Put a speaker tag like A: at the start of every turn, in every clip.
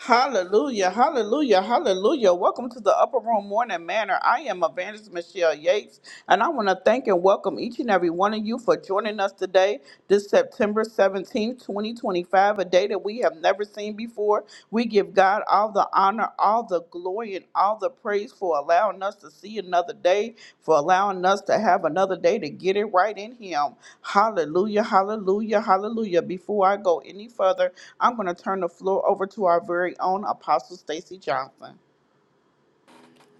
A: Hallelujah, hallelujah, hallelujah. Welcome to the Upper Room Morning Manor. I am Evangelist Michelle Yates, and I want to thank and welcome each and every one of you for joining us today, this September 17th, 2025, a day that we have never seen before. We give God all the honor, all the glory, and all the praise for allowing us to see another day, for allowing us to have another day to get it right in Him. Hallelujah, hallelujah, hallelujah. Before I go any further, I'm going to turn the floor over to our very own Apostle Stacy Johnson.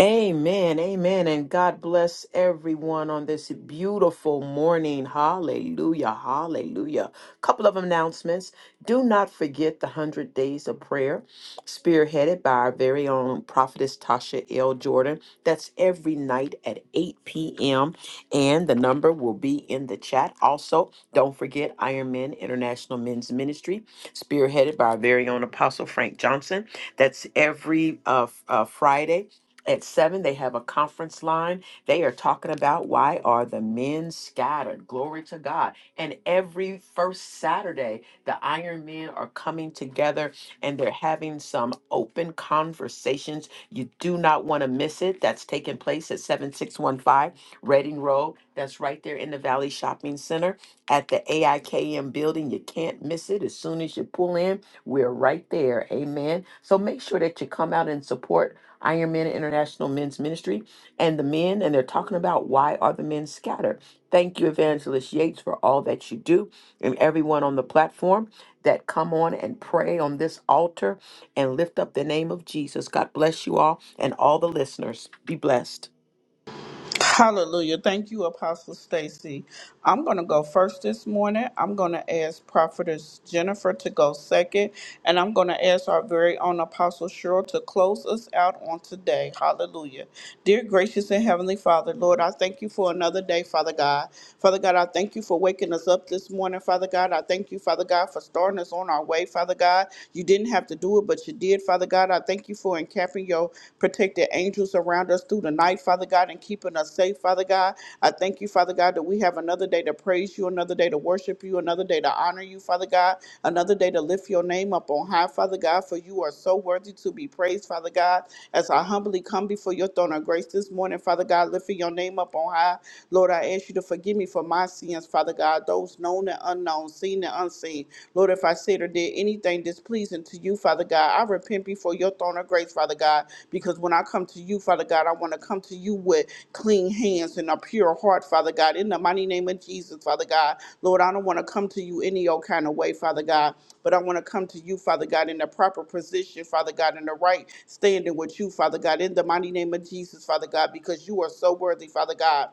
B: Amen, amen, and God bless everyone on this beautiful morning. Hallelujah, hallelujah. Couple of announcements. Do not forget the 100 Days of Prayer, spearheaded by our very own prophetess Tasha L. Jordan. That's every night at 8 p.m., and the number will be in the chat. Also, don't forget Iron Men International Men's Ministry, spearheaded by our very own Apostle Frank Johnson. That's every uh, f- uh, Friday at seven, they have a conference line. They are talking about why are the men scattered? Glory to God. And every first Saturday, the Iron Men are coming together and they're having some open conversations. You do not want to miss it. That's taking place at 7615 Reading Road. That's right there in the Valley Shopping Center at the AIKM building. You can't miss it. As soon as you pull in, we're right there. Amen. So make sure that you come out and support Iron Men International Men's Ministry, and the men, and they're talking about why are the men scattered. Thank you, Evangelist Yates, for all that you do, and everyone on the platform that come on and pray on this altar and lift up the name of Jesus. God bless you all and all the listeners. Be blessed.
A: Hallelujah. Thank you, Apostle Stacy. I'm going to go first this morning. I'm going to ask Prophetess Jennifer to go second, and I'm going to ask our very own Apostle Cheryl to close us out on today. Hallelujah. Dear gracious and heavenly Father, Lord, I thank you for another day, Father God. Father God, I thank you for waking us up this morning, Father God. I thank you, Father God, for starting us on our way, Father God. You didn't have to do it, but you did, Father God. I God. I thank you for encamping your protected angels around us through the night, Father God, and keeping us safe, Father God. I thank you, Father God, that we have another day to praise you, another day to worship you, another day to honor you, Father God, another day to lift your name up on high, Father God, for you are so worthy to be praised, Father God. As I humbly come before your throne of grace this morning, Father God, lifting your name up on high, Lord, I ask you to forgive me for my sins, Father God, those known and unknown, seen and and unseen. Lord, if I said or did anything displeasing to you, Father God, I repent before your throne of grace, Father God, because when I come to you, Father God, I want to come to you with clean hands and a pure heart, Father God, in the mighty name of Jesus, Father God. Lord, I don't want to come to you any old kind of way, Father God, but I want to come to you, Father God, in the proper position, Father God, in the right standing with you, Father God, in the mighty name of Jesus, Father God, because you are so worthy, Father God.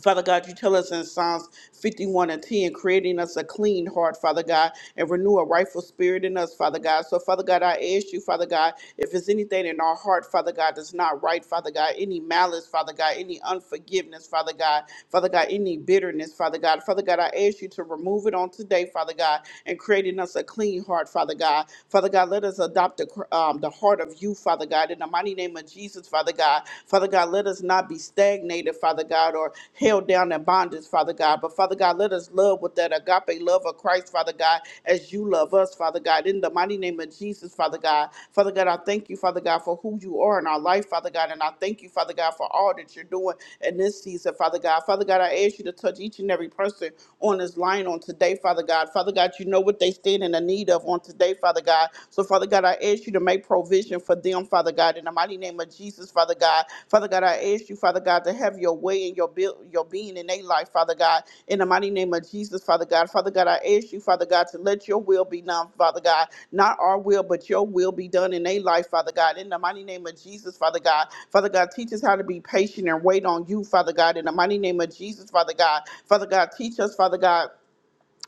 A: Father God, you tell us in Psalms 51 and 10, creating us a clean heart, Father God, and renew a rightful spirit in us, Father God. So, Father God, I ask you, Father God, if there's anything in our heart, Father God, that's not right, Father God, any malice, Father God, any unforgiveness, Father God, Father God, any bitterness, Father God, Father God, I ask you to remove it on today, Father God, and creating us a clean heart, Father God. Father God, let us adopt the, cr- um, the heart of you, Father God, in the mighty name of Jesus. Jesus, Father God. Father God, let us not be stagnated, Father God, or held down in bondage, Father God. But Father God, let us love with that agape love of Christ, Father God, as you love us, Father God. In the mighty name of Jesus, Father God. Father God, I thank you, Father God, for who you are in our life, Father God. And I thank you, Father God, for all that you're doing in this season, Father God. Father God, I ask you to touch each and every person on this line on today, Father God. Father God, you know what they stand in the need of on today, Father God. God. So, Father God, I ask you to make provision for them, Father God, in the mighty name of Jesus, Father God. Father God, I ask you, Father God, to have your way in your build, your being in their life, Father God, in the mighty name of Jesus, Father God. Father God, I ask you, Father God, to let your will be done, Father God. Not our will, but your will be done in their life, Father God. In the mighty name of Jesus, Father God. Father God, teach us how to be patient and wait on you, Father God. In the mighty name of Jesus, Father God. Father God, teach us, Father God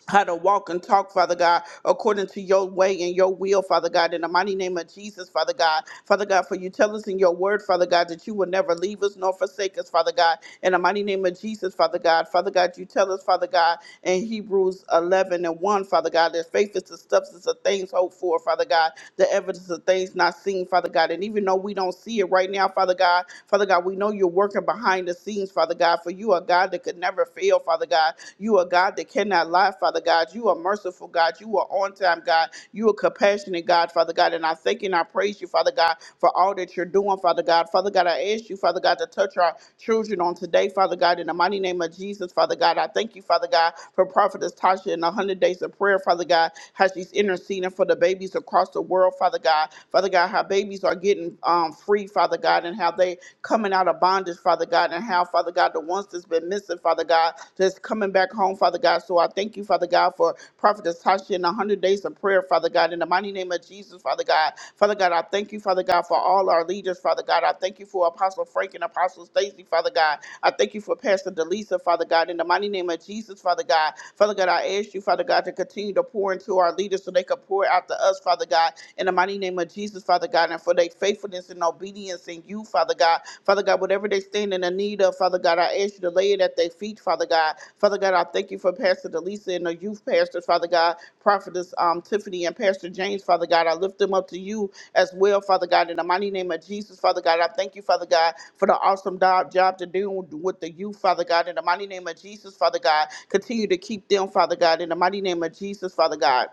A: how to walk and talk, Father God, according to your way and your will, Father God, in the mighty name of Jesus, Father God. Father God, for you tell us in your word, Father God, that you will never leave us nor forsake us, Father God, in the mighty name of Jesus, Father God. Father God, you tell us, Father God, in Hebrews 11 and 1, Father God, that faith is the substance of things hoped for, Father God, the evidence of things not seen, Father God. And even though we don't see it right now, Father God, Father God, we know you're working behind the scenes, Father God, for you are God that could never fail, Father God. You are God that cannot lie, Father God. You are merciful, God. You are on time, God. You are compassionate, God, Father God. And I thank you and I praise you, Father God, for all that you're doing, Father God. Father God, I ask you, Father God, to touch our children on today, Father God, in the mighty name of Jesus, Father God. I thank you, Father God, for Prophetess Tasha and the 100 days of prayer, Father God, how she's interceding for the babies across the world, Father God. Father God, how babies are getting um, free, Father God, and how they coming out of bondage, is, Father God, and how, Father God, the ones that's been missing, Father God, that's coming back home, Father God. So I thank you, Father God, for Prophetess Tasha and the 100 days of prayer, Father God, in the mighty name of Jesus, Father God. Father God, I thank you, Father God, for all our leaders, Father God. I thank you for Apostle Frank and Apostle Stacy, Father God. I thank you for Pastor Delisa, Father God, in the mighty name of Jesus, Father God. Father God, I ask you, Father God, to continue to pour into our leaders so they can pour out to us, Father God, in the mighty name of Jesus, Father God. God, and for their faithfulness and obedience in you, Father God. Father God, whatever they stand in the need of, Father God, I ask you to lay it at their feet, Father God. Father God, I thank you for Pastor Delisa and the youth pastors, Father God, Prophetess um, Tiffany and Pastor James, Father God. I lift them up to you as well, Father God, in the mighty name of Jesus, Father God. I thank you, Father God, for the awesome job, job to do with the youth, Father God, in the mighty name of Jesus, Father God. Continue to keep them, Father God, in the mighty name of Jesus, Father God.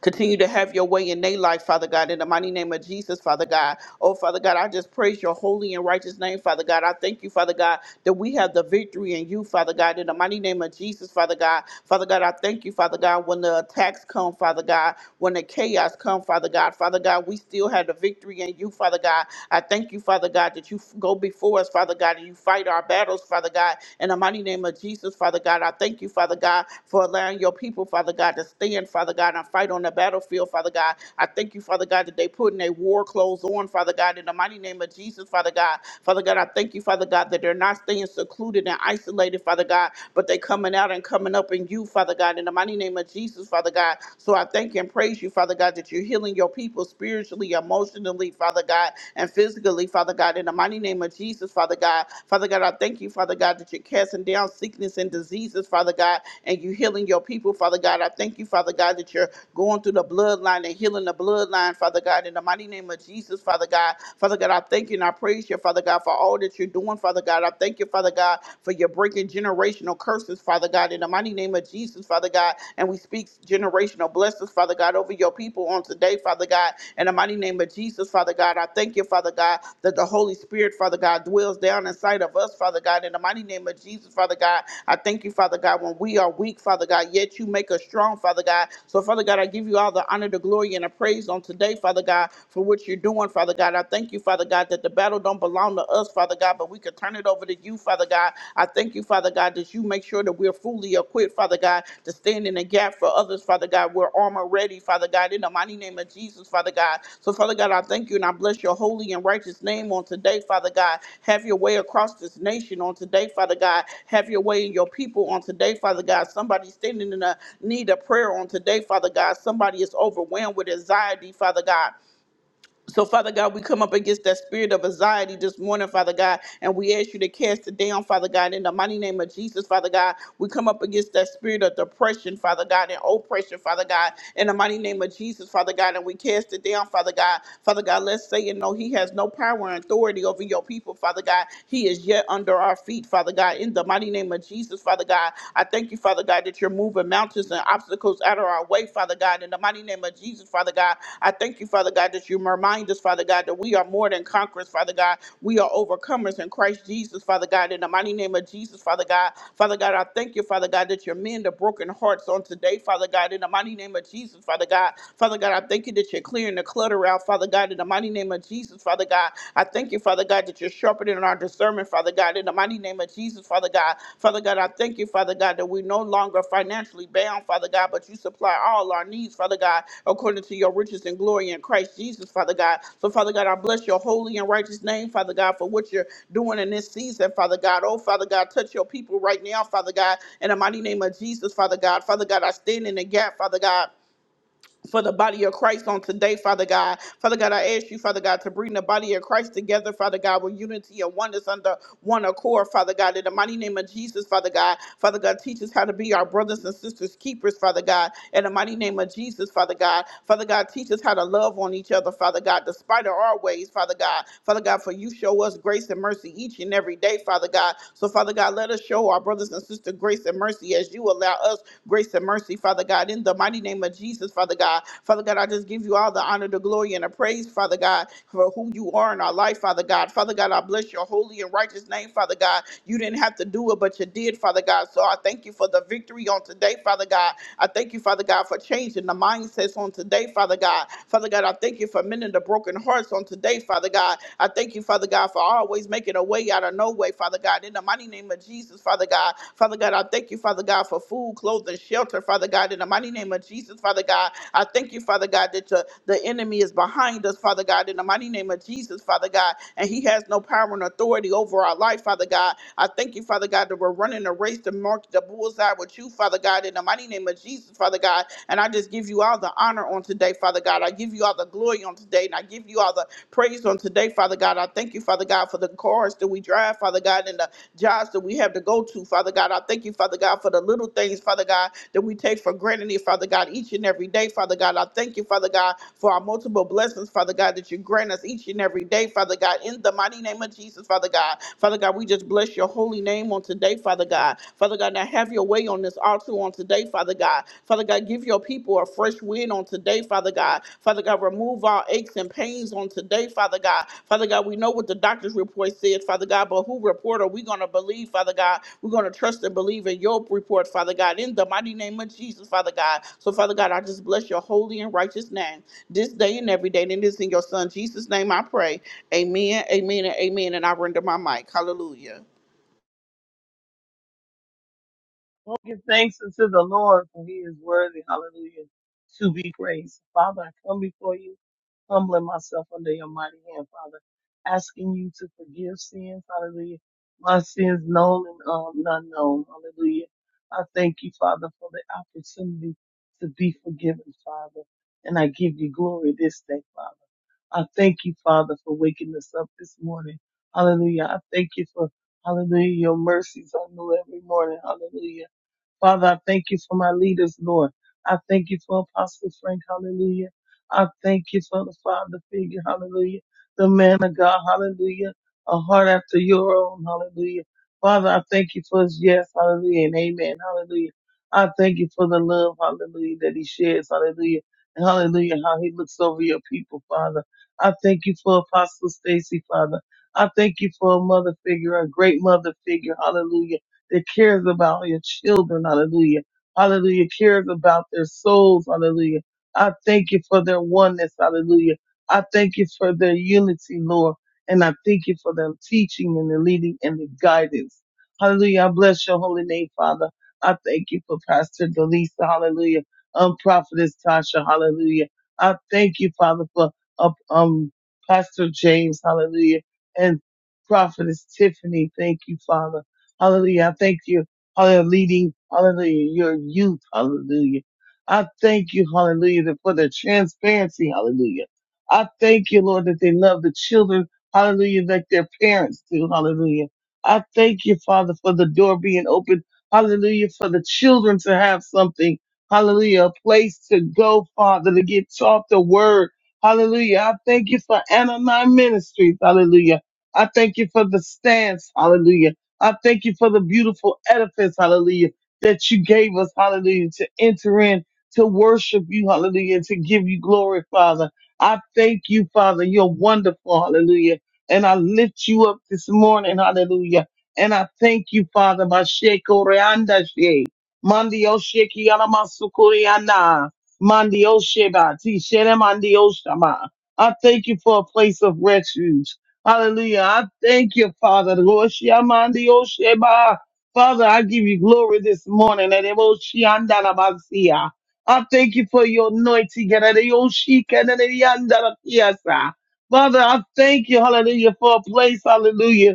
A: Continue to have your way in their life, Father God, in the mighty name of Jesus, Father God. Oh, Father God, I just praise your holy and righteous name, Father God. I thank you, Father God, that we have the victory in you, Father God, in the mighty name of Jesus, Father God. Father God, I thank you, Father God, when the attacks come, Father God, when the chaos come, Father God, Father God, we still have the victory in you, Father God. I thank you, Father God, that you f- go before us, Father God, and you fight our battles, Father God, In the mighty mighty name of Jesus, Father God. I thank you, Father God, for allowing your people, Father God, to stand, Father God, and fight on the battlefield, Father God. I thank you, Father God, that they putting their war clothes on, Father God, in the mighty name of Jesus, Father God. Father God, I thank you, Father God, that they're not staying secluded and isolated, Father God, but they coming out and coming up in you, Father God, in the mighty name of Jesus, Father God. So I thank and praise you, Father God, that you're healing your people spiritually, emotionally, Father God. God, and physically, Father God, in the mighty name of Jesus, Father God. Father God, I thank you, Father God, that you're casting down sickness and diseases, Father God, and you're healing your people, Father God. I thank you, Father God, that you're going through the bloodline and healing the bloodline, Father God, in the mighty name of Jesus, Father God. Father God, I thank you and I praise you, Father God, for all that you're doing, Father God. I thank you, Father God, for your breaking generational curses, Father God, in the mighty name of Jesus, Father God. And we speak speaks generational blessings, Father God, over your people on today, Father God. In the mighty name of Jesus, Father God, I thank you, Father God, that the Holy Spirit, Father God, dwells down inside of us, Father God. In the mighty name of Jesus, Father God, I thank you, Father God, when we are weak, Father God, yet you make us strong, Father God. So, Father God, I give you all the honor, the glory, and the praise on today, Father God, for what you're doing, Father God. I thank you, Father God, that the battle don't belong to us, Father God, but we could turn it over to to you, Father God. I thank you, Father God, that you make sure that we're fully equipped, Father God, to stand in the gap for others, Father God. We're armor ready, Father God, in the mighty name of Jesus, Father God. So, Father God, I thank you and I bless your holy and righteous name on today, Father God. Have your way across this nation on today, Father God. Have your way in your people on today, Father God. Somebody standing in a need of prayer on today, Father God. Somebody is overwhelmed with anxiety, Father God. So, Father God, we come up against that spirit of anxiety this morning, Father God, and we ask you to cast it down, Father God, in the mighty name of Jesus, Father God. We come up against that spirit of depression, Father God, and oppression, Father God, in the mighty name of Jesus, Father God, and we cast it down, Father God. Father God, let's say, you know, He has no power and authority over your people, Father God. He is yet under our feet, Father God, in the mighty name of Jesus, Father God. I thank you, Father God, that that you're moving mountains and obstacles out of our way, Father God. In the mighty name of Jesus, Father God, I thank you, Father God, that you remind us, Father God, that we are more than conquerors, Father God. We are overcomers in Christ Jesus, Father God. In the mighty name of Jesus, Father God. Father God, I thank you, Father God, that you mend the broken hearts on today, Father God. In the mighty name of Jesus, Father God. Father God, I thank you that you're clearing the clutter out, Father God. In the mighty name of Jesus, Father God. I thank you, Father. Father God, that you're sharpening our discernment, Father God, in the mighty name of Jesus, Father God. Father God, I thank you, Father God, that we're no longer financially bound, Father God, but you supply all our needs, Father God, according to your riches and glory in Christ Jesus, Father God. So, Father God, I bless your holy and righteous name, Father God, for what you're doing in this season, Father God. Oh, Father God, touch your people right now, Father God, in the mighty name of Jesus, Father God. Father God, I stand in the gap, Father God for the body of Christ on today, Father God. Father God, I ask you, Father God, to bring the body of Christ together, Father God, with unity and oneness under one accord, Father God. In the mighty name of Jesus, Father God. Father God, teach us how to be our brothers and sisters keepers, Father God. In the mighty name of Jesus, Father God. Father God, teach us how to love on each other, Father God, despite of our ways, Father God. Father God, for you show us grace and mercy each and every day, Father God. So, Father God, let us show our brothers and sisters grace and mercy as you as you allow us grace and mercy, Father God, in the mighty name of Jesus, Father God. Father God, I just give you all the honor, the glory, and the praise, Father God, for who you are in our life, Father God. Father God, I bless your holy and righteous name, Father God. You didn't have to do it, but you did, Father God. So I thank you for the victory on today, Father God. I thank you, Father God, for changing the mindsets on today, Father God. Father God, I thank you for mending the broken hearts on today, Father God. I thank you, Father God, for always making a way out of no way, Father God. In the mighty name of Jesus, Father God. Father God, I thank you, Father God, for food, clothing, shelter, Father God. In the mighty name of Jesus, Father God. I thank you, Father God, that your, the enemy is behind us, Father God. In the mighty name of Jesus, Father God. And he has no power and authority over our life, Father God. I thank you, Father God, that we're running a race to mark the bullseye with you, Father God, in the mighty name of Jesus, Father God. And I just give you all the honor on today, Father God. I give you all the glory on today, and I give you all the praised on today, Father God. I thank you, Father God, for the cars that we drive, Father God, and the jobs that we have to go to, Father God. I thank you, Father God, for the little things, Father God, that we take for granted, Father God, each and every day, Father God. I thank you, Father God, for our multiple blessings, Father God, that you grant us each and every day, Father God, in the mighty name of Jesus, Father God. Father God, we just bless your holy name on today, Father God. Father God, now have your way on this altar on today, Father God. Father. Father God, give your people a fresh wind on today, Father God. Father God, remove our aches and pains on today, Father God. Father God, we know what the doctor's report said, Father God, but who report are we going to believe, Father God? We're going to trust and believe in your report, Father God, in the mighty name of Jesus, Father God. So, Father God, I just bless your holy and righteous name this day and every day. And it is in your Son, Jesus' name, I pray. Amen, amen, and amen. And I render my mic. Hallelujah.
C: Well, give thanks unto the Lord, for he is worthy, hallelujah, to be praised. Father, I come before you, humbling myself under your mighty hand, Father, asking you to forgive sins, hallelujah, my sins known and um, unknown, hallelujah. I thank you, Father, for the opportunity to be forgiven, Father, and I give you glory this day, Father. I thank you, Father, for waking us up this morning, hallelujah. I thank you for, hallelujah, your mercies are new every morning, hallelujah. Father, I thank you for my leaders, Lord. I thank you for Apostle Frank, hallelujah. I thank you for the Father figure, hallelujah. The man of God, hallelujah. A heart after your own, hallelujah. Father, I thank you for his yes, hallelujah, and amen, hallelujah. I thank you for the love, hallelujah, that he shares, hallelujah. And hallelujah, how he looks over your people, Father. I thank you for Apostle Stacy, Father. I thank you for a mother figure, a great mother figure, hallelujah that cares about your children. Hallelujah. Hallelujah. Cares about their souls. Hallelujah. I thank you for their oneness. Hallelujah. I thank you for their unity, Lord. And I thank you for their teaching and the leading and the guidance. Hallelujah. I bless your holy name, Father. I thank you for Pastor Delisa. Hallelujah. Um, Prophetess Tasha. Hallelujah. I thank you, Father, for uh, um, Pastor James. Hallelujah. And Prophetess Tiffany. Thank you, Father. Hallelujah. I thank you. Hallelujah. Leading. Hallelujah. Your youth. Hallelujah. I thank you. Hallelujah. that- For the transparency. Hallelujah. I thank you, Lord, that they love the children. Hallelujah. Like their parents do. Hallelujah. I thank you, Father, for the door being open. Hallelujah. For the children to have something. Hallelujah. A place to go, Father, to get taught the word. Hallelujah. I thank you for Anna Nine Ministries. Hallelujah. I thank you for the stance. Hallelujah. I thank you for the beautiful edifice, hallelujah, that you gave us, hallelujah, to enter in, to worship you, hallelujah, to give you glory, Father. I thank you, Father. You're wonderful, hallelujah. And I lift you up this morning, hallelujah. And I thank you, Father. Masheko reanda she. Mandio sheki alamasukuriana. Mandio sheba. Tishene mandio shama. I thank you for a place of refuge. Hallelujah. I thank you, Father. Lord, Shiamandi Osheba. Father, I give you glory this morning. And it was Shiandalabasia. I thank you for your anointing. And it was Shikanadiandalakiasa. Father, I thank you, hallelujah, for a place, hallelujah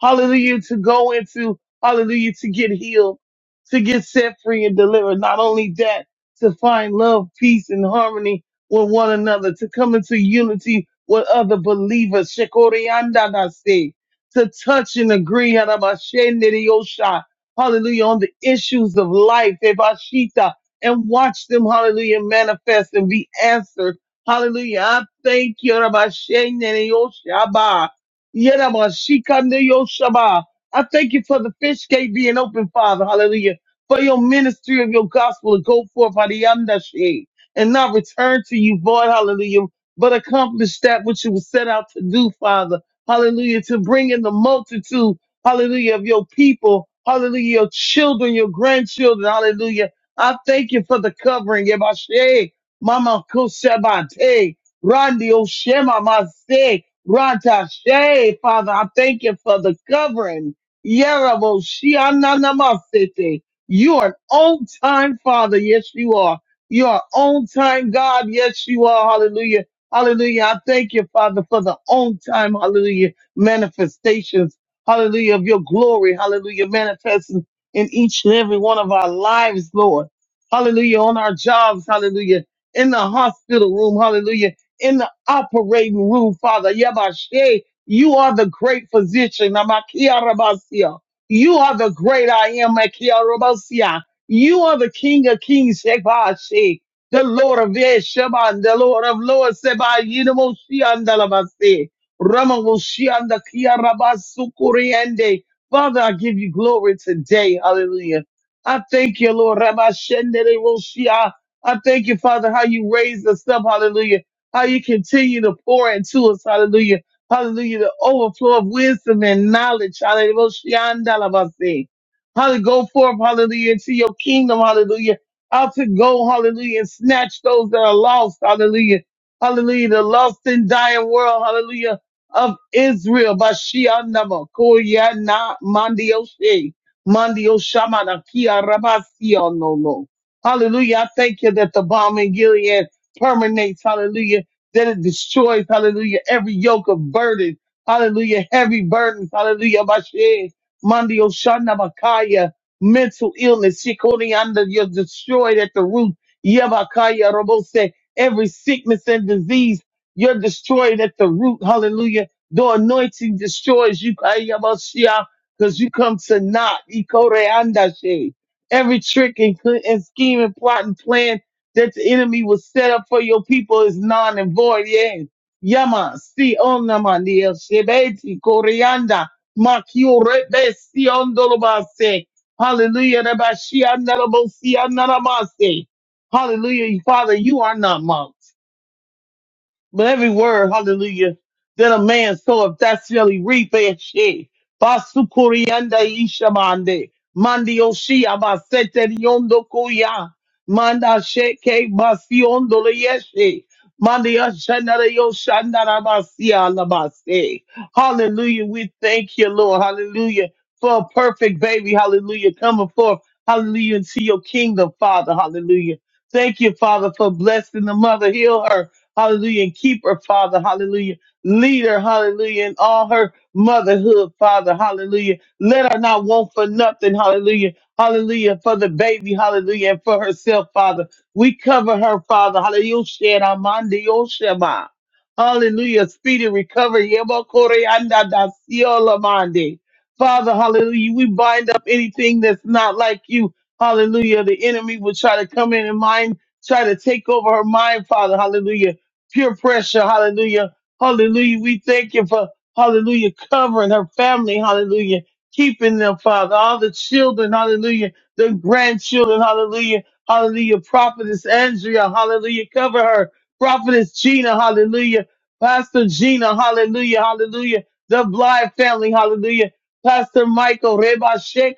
C: hallelujah, to go into, hallelujah, to get healed, to get set free and delivered. Not only that, to find love, peace, and harmony with one another, to come into unity with other believers. Shekoriandadase. To touch and agree, Harabashenderiyosha. hallelujah, on the issues of life, Ebashita, and watch them, hallelujah, manifest and be answered. Hallelujah. I thank you, Rabbi Yerama, Shikande Yoshaba. I thank you for the fish gate being open, Father. Hallelujah. For your ministry of your gospel to go forth, Hadiyandashe, and not return to you void, hallelujah, but accomplish that which you were set out to do, Father. Hallelujah. To bring in the multitude, hallelujah, of your people, hallelujah, your children, your grandchildren, hallelujah. I thank you for the covering, Yabashe, Mama Koshabate, Randi Oshema Mase, Ratashe, Father, I thank you for the covering. Yerabo Shiananamasete. You are an on time Father. Yes, you are. You are on time God. Yes, you are. Hallelujah. Hallelujah. I thank you, Father, for the on time, hallelujah, manifestations, hallelujah, of your glory, hallelujah, manifesting in each and every one of our lives, Lord. Hallelujah. On our jobs, hallelujah. In the hospital room, hallelujah operating room, Father. Yabashe, you are the great physician. Namakia Rabasia, You are the great I am. Makia Rabasia. You are the King of Kings, Shebashe, the Lord of Yeshaban, the Lord of Lords, Seba, Yinamoshian Dalabase, Ramavoshian the Ramamoshianda, Kiarabasukuriende. Father, I give you glory today. Hallelujah. I thank you, Lord. Rabashendere Woshia. I thank you, Father, how you raised us up. Hallelujah how you continue to pour into us, hallelujah, hallelujah, the overflow of wisdom and knowledge, hallelujah, hallelujah, go forth, hallelujah, into your kingdom, hallelujah, out to go, hallelujah, and snatch those that are lost, hallelujah, hallelujah, the lost and dying world, hallelujah, of Israel, Bashianama, Koyana, Mandioshe, Mandioshamana, Kia Rabasiono. Hallelujah, I thank you that the bomb in Gilead permeates, hallelujah, that it destroys, hallelujah, every yoke of burden, hallelujah, heavy burdens, hallelujah, Bashe, Mandio Shana Bakaya, mental illness, Shikorianda, you're destroyed at the root, Yabakaya Robose, every sickness and disease, you're destroyed at the root, hallelujah. The anointing destroys you, because you come to not, Ikoreanda She. Every trick and, cl- and scheme and plot and plan that the enemy was set up for your people is non and void. Yes. Yama, si onamandia, shebeti, corianda, makio rebe, si ondolobase. Hallelujah. Reba, shi andalabo, si andalabase. Hallelujah. Father, you are not mocked. But every word, hallelujah, that a man soweth, that shall he reap. eh, shit. Basukurianda ishamande. Mandi oshi abasete riondo kuya. Manda sheke basiondo leyeshe. Mandi ashanara yoshandara basia labase. Hallelujah. We thank you, Lord. Hallelujah. For a perfect baby. Hallelujah. Coming forth. Hallelujah. Into your kingdom, Father. Hallelujah. Thank you, Father, for blessing the mother. Heal her. Hallelujah. And keep her, Father. Hallelujah. Lead her, hallelujah, in all her motherhood, Father. Hallelujah. Let her not want for nothing. Hallelujah. Hallelujah. For the baby. Hallelujah. And for herself, Father. We cover her, Father. Hallelujah. Shed Amandi Oshema. Hallelujah. Speedy recovery. Yebo Kore Anda Da Siola Mandi. Father, hallelujah. We bind up anything that's not like you. Hallelujah. The enemy will try to come in and mind, try to take over her mind, Father. Hallelujah peer pressure. Hallelujah. Hallelujah. We thank you for hallelujah covering her family. Hallelujah. Keeping them, Father. All the children. Hallelujah. The grandchildren. Hallelujah. Hallelujah. Prophetess Andrea. Hallelujah. Cover her. Prophetess Gina. Hallelujah. Pastor Gina. Hallelujah. Hallelujah. The Blythe family. Hallelujah. Pastor Michael. Reba Sheikh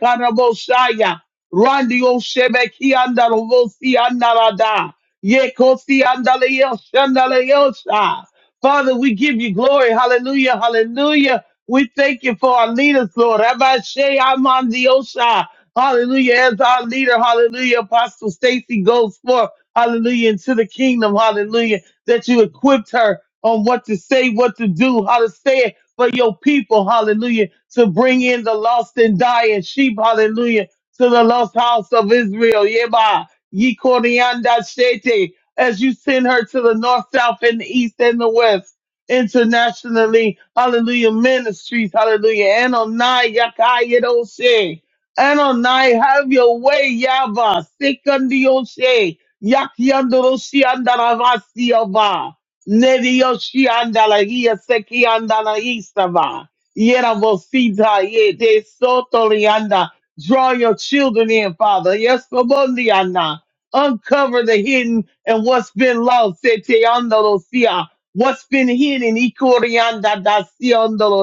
C: Rondi Oshebe Kianda Rovosi Yekosi andaleo shandaleosha. Father, we give you glory. Hallelujah. Hallelujah. We thank you for our leaders, Lord. Rabbi Shea Amandiosha. Hallelujah. As our leader, hallelujah. Apostle Stacy goes forth, hallelujah, into the kingdom. Hallelujah. That you equipped her on what to say, what to do, how to say it for your people. Hallelujah. To bring in the lost and dying sheep. Hallelujah. To the lost house of Israel. Yeah, Ye Korianda Shete, as you send her to the north, south, and the east and the west internationally. Hallelujah. Ministries. Hallelujah. Anonai Yakayedoshe. Anonai, have your way, Yaba. Sekundioshe. Yakyandoroshi Andaravasi Yaba. Nedioshi Andalagia Seki Andalaistava. Yeravosita Yede Sotolianda. Draw your children in, Father. Yes, Kobondiana uncover the hidden and what's been lost. Sete andolo sia. What's been hidden? Ikorianda da si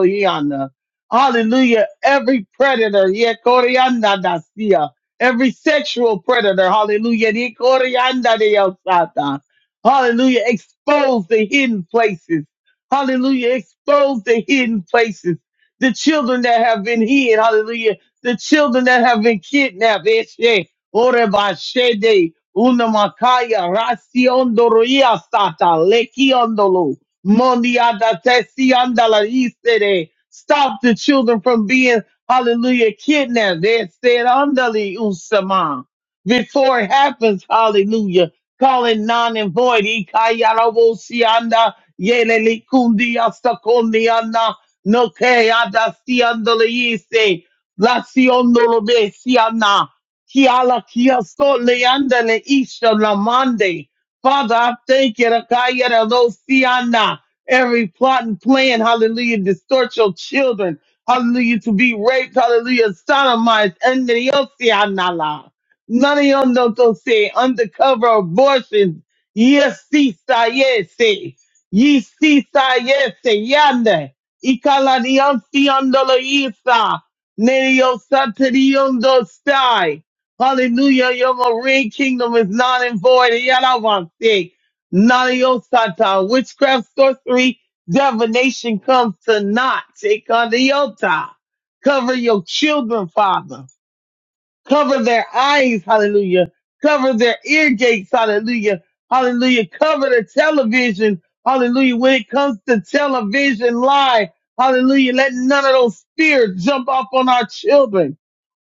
C: hiana. Hallelujah. Every predator, yeah, corianda da sia. Every sexual predator, hallelujah. Ni corianda de osata. Hallelujah. Expose the hidden places. Hallelujah. Expose the hidden places. The children that have been hid, hallelujah. The children that have been kidnapped, Ore bashede unamakaya rasiondo sata lekiondolo mondiada tesiandala istere. Stop the children from being hallelujah kidnapped. They said underly usama before it happens. Hallelujah. Calling non and void. Ikayarabosianda yelelikundiastakondiana nokeada siandala ise. La siondolo besiana. Kiala kia so leanda le isha lamande. Father, I thank you. Rakaya da lo siana. Every plot and plan, hallelujah, distort your children. Hallelujah, to be raped, hallelujah, sodomized, and the Osiana la. None of them don't don't say undercover abortions. Yes, si sa yes. eh. Ye si sa yes eh, yande. Ikala di Osiana la isa. Nereo satirion dos Hallelujah. Your marine kingdom is not in void. Yadavante. None of your satan, witchcraft, sorcery, divination comes to naught. Take on the yota. Cover your children, Father cover their eyes, hallelujah, cover their ear gates, hallelujah, hallelujah, cover the television, hallelujah, when it comes to television live, hallelujah, let none of those spirits jump off on our children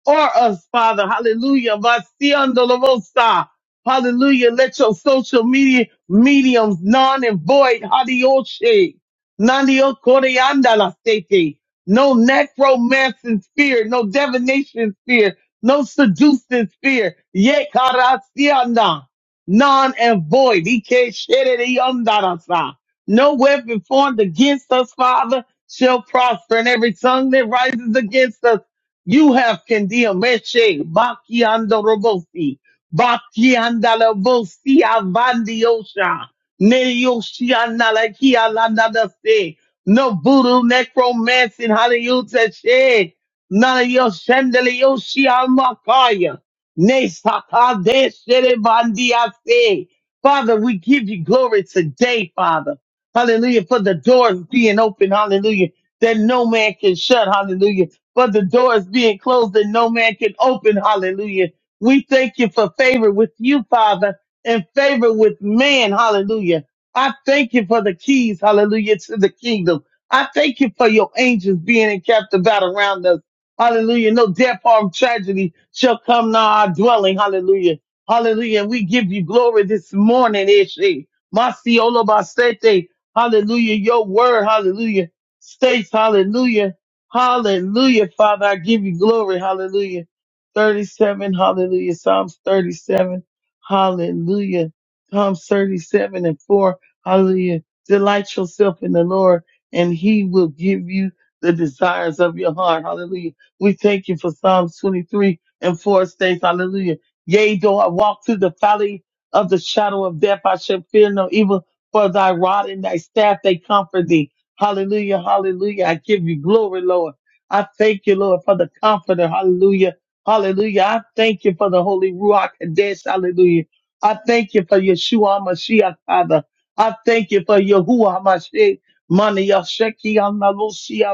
C: or us, Father, hallelujah, Vasiandolovosa. hallelujah, let your social media mediums non and void, hadioshe, nandiokoriandalastete. no necromancy spirit, no divination spirit, no seducing spirit. Ye karasiana, none and void. Ike sherere yondarasa. No weapon formed against us, Father, shall prosper, and every tongue that rises against us, you have condemned. Meshe, bakiando robosi, bakianda robosi, avandi osha, ne yoshi analakia landa se, No voodoo, necromancy, hallelujah, None of your sendele yoshi almakaya. Nesakade sherebandiase. Father, we give you glory today, Father. Hallelujah. For the doors being open, hallelujah, that no man can shut, hallelujah. For the doors being closed that no man can open, hallelujah. We thank you for favor with you, Father, and favor with man, hallelujah. I thank you for the keys, hallelujah, to the kingdom. I thank you for your angels being encamped about around us. Hallelujah. No death, or tragedy shall come nigh our dwelling. Hallelujah. Hallelujah. And we give you glory this morning, Ishe. Masiolo basete. Hallelujah. Your word, hallelujah, states, hallelujah. Hallelujah, Father. I give you glory. Hallelujah. 37, hallelujah. Psalms 37, hallelujah. Psalms 37 and 4, hallelujah. Delight yourself in the Lord, and he will give you the desires of your heart. Hallelujah. We thank you for Psalms 23 and 4 states, hallelujah. Yea, though I walk through the valley of the shadow of death, I shall fear no evil, for thy rod and thy staff, they comfort thee. Hallelujah, hallelujah. I give you glory, Lord. I thank you, Lord, for the comforter. Hallelujah, hallelujah. I thank you for the Holy Ruach Kadesh. Hallelujah. I thank you for Yeshua Mashiach, Father. I thank you for Yahuwah Mashiach. Mani Yasheki Amalusia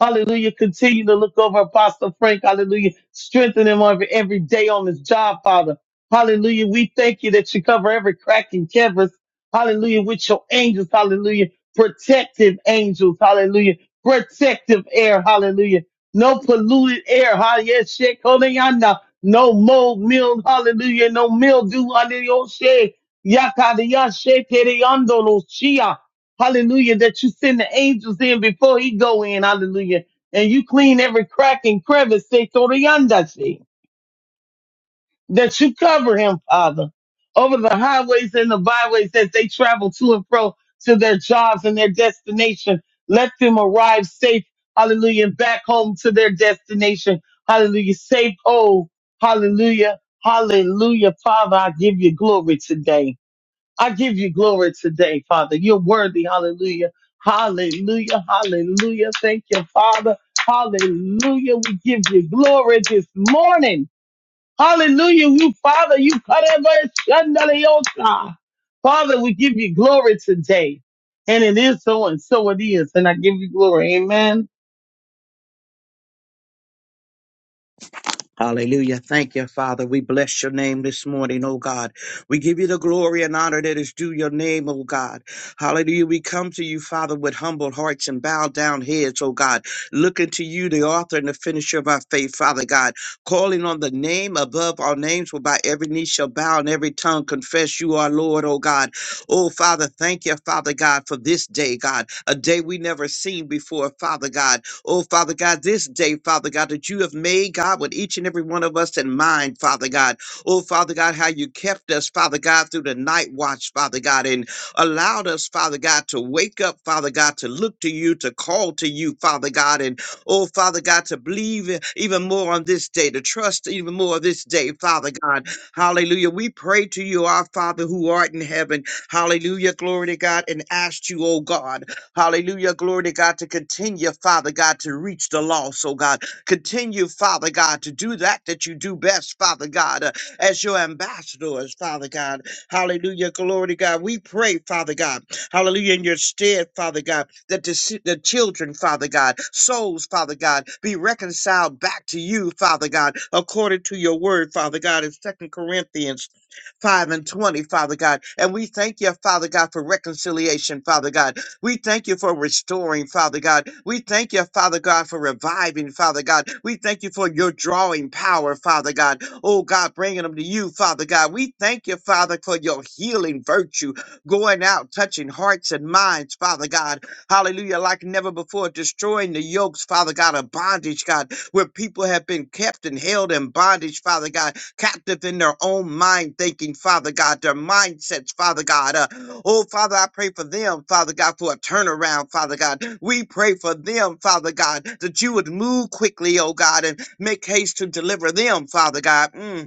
C: Hallelujah. Continue to look over Apostle Frank. Hallelujah. Strengthen him every, every day on his job, Father. Hallelujah. We thank you that you cover every crack and crevice. Hallelujah. With your angels. Hallelujah. Protective angels. Hallelujah. Protective air. Hallelujah. No polluted air. Hallelujah. Yes, Shit, Kodayana. No mold, mild. Hallelujah. No mildew under your shade. Yakadiyashe tereyandolo shia. Hallelujah. That you send the angels in before he go in. Hallelujah. And you clean every crack and crevice. Say, throw the yonder That you cover him, Father, over the highways and the byways as they travel to and fro to their jobs and their destination. Let them arrive safe. Hallelujah. And back home to their destination. Hallelujah. Safe. Oh, hallelujah. Hallelujah. Father, I give you glory today. I give you glory today, Father. You're worthy. Hallelujah. Hallelujah. Hallelujah. Thank you, Father. Hallelujah. We give you glory this morning. Hallelujah. You, Father, you cut every shandaliosa. Father, we give you glory today. And it is so and so it is. And I give you glory. Amen.
D: Hallelujah. Thank you, Father. We bless your name this morning, oh God. We give you the glory and honor that is due your name, oh God. Hallelujah. We come to you, Father, with humble hearts and bowed down heads, oh God. Looking to you, the author and the finisher of our faith, Father God. Calling on the name above all names, whereby every knee shall bow and every tongue confess you are Lord, oh God. Oh, Father, thank you, Father God, for this day, God. A day we never seen before, Father God. Oh, Father God, this day, Father God, that you have made, God, with each and every one of us in mind, Father God. Oh, Father God, how you kept us, Father God, through the night watch, Father God, and allowed us, Father God, to wake up, Father God, to look to you, to call to you, Father God, and oh, Father God, to believe e- even more on this day, to trust even more on this day, Father God. Hallelujah. We pray to you, our Father who art in heaven. Hallelujah. Glory to God, and ask you, oh God. Hallelujah. Glory to God to continue, Father God, to reach the lost, oh God. Continue, Father God, to do that that you do best, Father God, uh, as your ambassadors, Father God. Hallelujah. Glory to God. We pray, Father God. Hallelujah. In your stead, Father God, that the, si- the children, Father God, souls, Father God, be reconciled back to you, Father God, according to your word, Father God, in Second Corinthians 5 and 20, Father God. And we thank you, Father God, for reconciliation, Father God. We thank you for restoring, Father God. We thank you, Father God, for reviving, Father God. We thank you for your drawing power, Father God. Oh God, bringing them to you, Father God. We thank you, Father, for your healing virtue going out, touching hearts and minds, Father God. Hallelujah, like never before, destroying the yokes, Father God, of bondage, God, where people have been kept and held in bondage, Father God captive in their own mind thinking, Father God, their mindsets, Father God. Uh, oh, Father, I pray for them, Father God, for a turnaround, Father God. We pray for them, Father God, that you would move quickly, oh God, and make haste to deliver them, Father God. Mm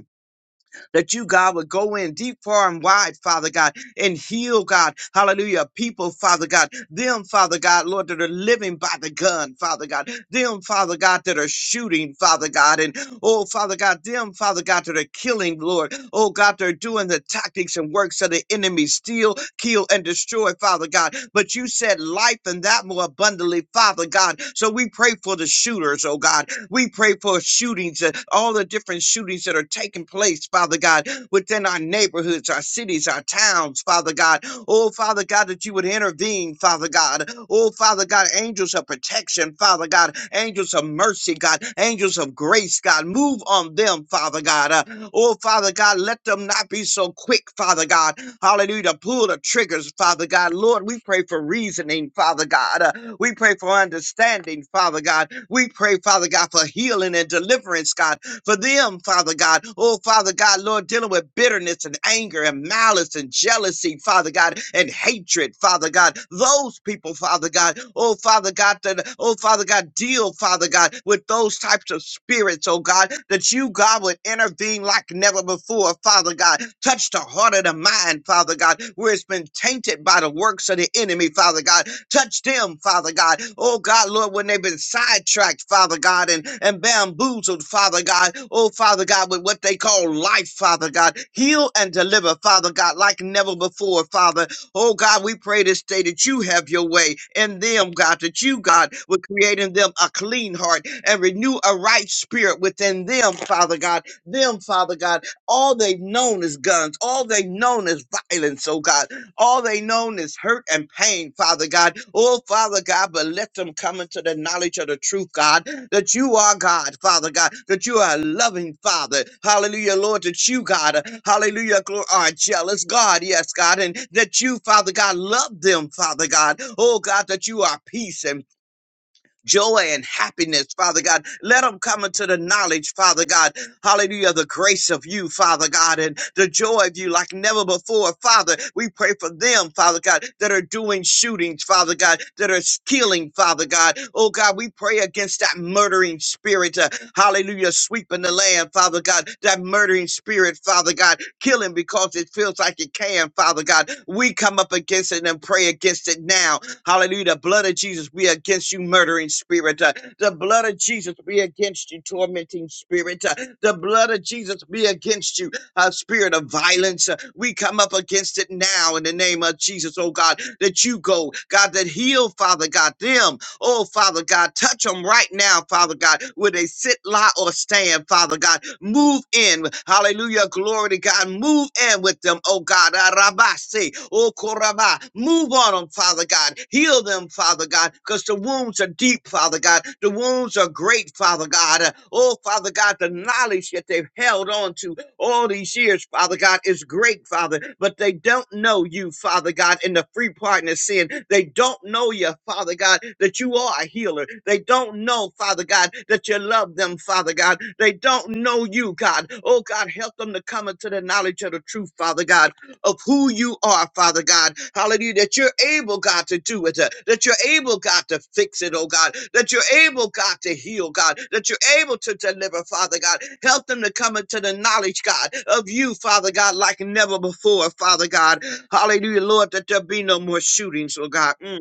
D: that you, God, would go in deep, far, and wide, Father God, and heal, God, hallelujah, people, Father God, them, Father God, Lord, that are living by the gun, Father God, them, Father God, that are shooting, Father God, and oh, Father God, them, Father God, that are killing, Lord, oh, God, they're doing the tactics and works of the enemy, steal, kill, and destroy, Father God, but you said life and that more abundantly, Father God, so we pray for the shooters, oh God, we pray for shootings, uh, all the different shootings that are taking place, Father God, within our neighborhoods, our cities, our towns, Father God. Oh, Father God, that you would intervene, Father God. Oh, Father God, angels of protection, Father God, angels of mercy, God, angels of grace grace, God. Move on them, Father God. Uh, oh, Father God, let them not be so quick, Father God. Hallelujah. to Pull the triggers, Father God. Lord, we pray for reasoning, Father God. Uh, we pray for understanding, Father God. We pray, Father God, for healing and deliverance, God for them, Father God. Oh, Father God, Lord, dealing with bitterness and anger and malice and jealousy, Father God, and hatred, Father God. Those people, Father God, oh, Father God, that, oh, Father God, deal, Father God, with those types of spirits, oh God, that you, God, would intervene like never before, Father God. God. Touch the heart of the mind, Father God, where it's been tainted by the works of the enemy, Father God. Touch them, Father God. Oh God, Lord, when they've been sidetracked, Father God, and, and bamboozled, Father God. Oh Father God, with what they call life, Father God. Heal and deliver, Father God, like never before, Father. Oh God, we pray this day that you have your way in them, God, that you, God, would create in them a clean heart and renew a right spirit within them, Father God. Them, Father God all they've known is guns. All they've known is violence, oh God. All they known is hurt and pain, Father God. Oh, Father God, but let them come into the knowledge of the truth, God, that you are God, Father God, that you are a loving Father. Hallelujah, Lord, that you, God, hallelujah, glo- are a jealous God, yes, God, and that you, Father God, love them, Father God. Oh, God, that you are peace and joy and happiness, Father God. Let them come into the knowledge, Father God. Hallelujah, the grace of you, Father God, and the joy of you like never before, Father. We pray for them, Father God, that are doing shootings, Father God, that are killing, Father God. Oh God, we pray against that murdering spirit, uh, hallelujah, sweeping the land, Father God, that murdering spirit, Father God, killing because it feels like it can, Father God. We come up against it and pray against it now Hallelujah. The blood of Jesus be against you, murdering spirit. Uh, The blood of Jesus be against you, tormenting spirit. Uh, The blood of Jesus be against you, uh, spirit of violence. Uh, We come up against it now in the name of Jesus, oh God, that you go, God, that heal, Father God, them. Oh, Father God, touch them right now, Father God, where they sit, lie, or stand, Father God. Move in. Hallelujah. Glory to God. Move in with them, oh God. Arabase, oh Koraba. Move on them, Father God. Heal them, Father God, because the wounds are deep, Father God. The wounds are great, Father God. Oh, Father God, the knowledge that they've held on to, all these years, Father God, is great, Father, but they don't know you, Father God, in the free pardon of sin. They don't know you, Father God, that you are a healer. They don't know, Father God, that you love them, Father God. They don't know you, God. Oh, God, help them to come into the knowledge of the truth, Father God of who you are, Father God. Hallelujah. That you're able, God, to do it. uh, That you're able, God, to fix it, oh God. That you're able, God, to heal, God. That you're able to deliver, Father God. Help them to come into the knowledge, God, of you, Father God, like never before, Father God. Hallelujah, Lord, that there be no more shootings, oh God. Mm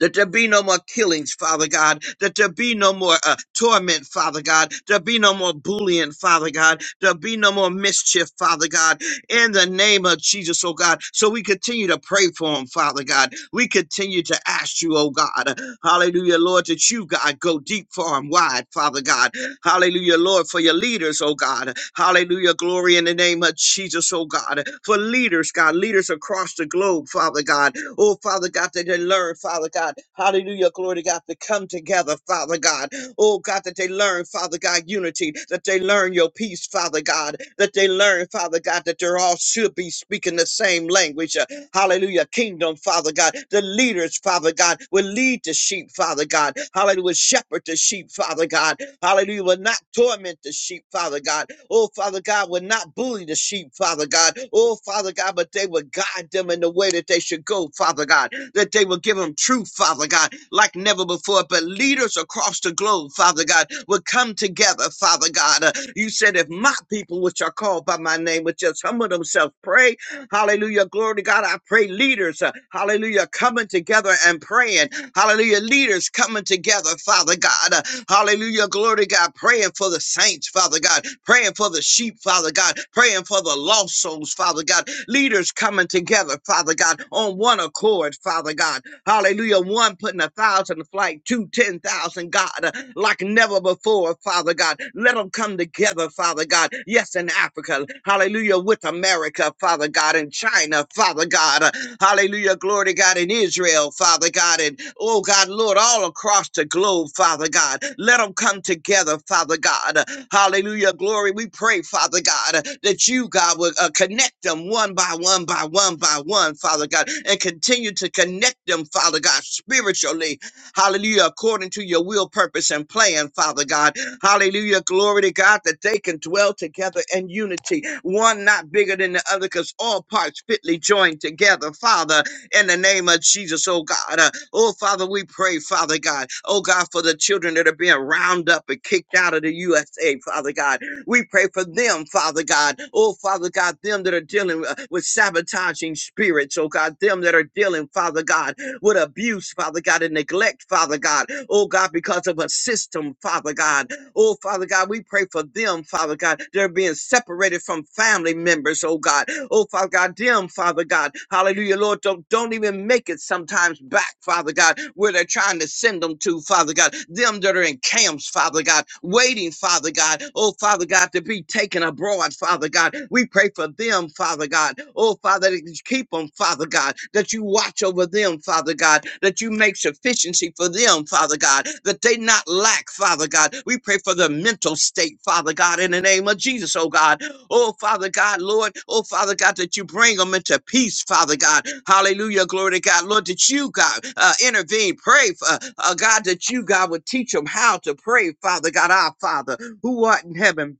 D: that there be no more killings, Father God, that there be no more uh, torment, Father God, there be no more bullying, Father God, there be no more mischief, Father God, in the name of Jesus, oh God. So we continue to pray for him, Father God. We continue to ask you, oh God, hallelujah, Lord, that you, God, go deep, far, and wide, Father God, hallelujah, Lord, for your leaders, oh God, hallelujah, glory in the name of Jesus, oh God, for leaders, God, leaders across the globe, Father God, Oh, Father God, that they learn, Father God. Hallelujah, glory to God, to come together, Father God. Oh, God, that they learn, Father God, unity, that they learn your peace, Father God, that they learn, Father God, that they all should be speaking the same language, Hallelujah. Kingdom, Father God. The leaders, Father God, will lead the sheep, Father God. Hallelujah. shepherd the sheep, Father God. Hallelujah. Will not torment the sheep, Father God. Oh, Father God, will not bully the sheep, Father God. Oh, Father God, but they will guide them in the way that they should go, Father God. That they will give them truth, Father God, like never before. But leaders across the globe, Father God, will come together, Father God. Uh, you said, if my people, which are called by my name, would just humble themselves, pray Hallelujah. Glory to God. I pray leaders, uh, hallelujah, coming together and praying. Hallelujah. Leaders coming together, Father God. Uh, hallelujah. Glory to God. Praying for the saints, Father God. Praying for the sheep, Father God. Praying for the lost souls, Father God. Leaders coming together, Father God, on one accord, Father God. Hallelujah. One putting a thousand to flight, two, ten thousand, God, uh, like never before, Father God. Let them do come together, Father God. Yes, in Africa, hallelujah, with America, Father God, and China, Father God, uh, hallelujah, glory to God, in Israel, Father God, and oh God, Lord, all across the globe, Father God. Let them come together, Father God. Uh, Hallelujah, glory. We pray, Father God, uh, that you, God, will uh, connect them one by one by one by one, Father God, and continue to connect them, Father God, spiritually, Hallelujah. According to your will, purpose, and plan, Father God. Hallelujah. Glory to God that they can dwell together in unity, one not bigger than the other, because all parts fitly joined together, Father, in the name of Jesus, oh God. Uh, oh, Father, we pray, Father God. Oh, God, for the children that are being round up and kicked out of the USA, Father God. We pray for them, Father God. Oh, Father God, them that are dealing uh, with sabotaging spirits, oh God, them that are dealing, Father God, with abuse, Father God, and neglect, Father God. Oh God, because of a system, Father God. Oh Father God, we pray for them, Father God. They're being separated from family members, oh God. Oh Father God, them, Father God. Hallelujah, Lord. Don't, don't even make it sometimes back, Father God, where they're trying to send them to, Father God. Them that are in camps, Father God, waiting, Father God. Oh Father God, to be taken abroad, Father God. We pray for them, Father God. Oh Father, that you keep them, Father God, that you you watch over them, Father God, that you make sufficiency for them, Father God, that they not lack, Father God. We pray for the mental state, Father God, in the name of Jesus, oh God. Oh, Father God, Lord, oh, Father God, that you bring them into peace, Father God. Hallelujah, glory to God. Lord, that you, God, uh, intervene. Pray, for, uh, God, that you, God, would teach them how to pray, Father God, our Father, who art in heaven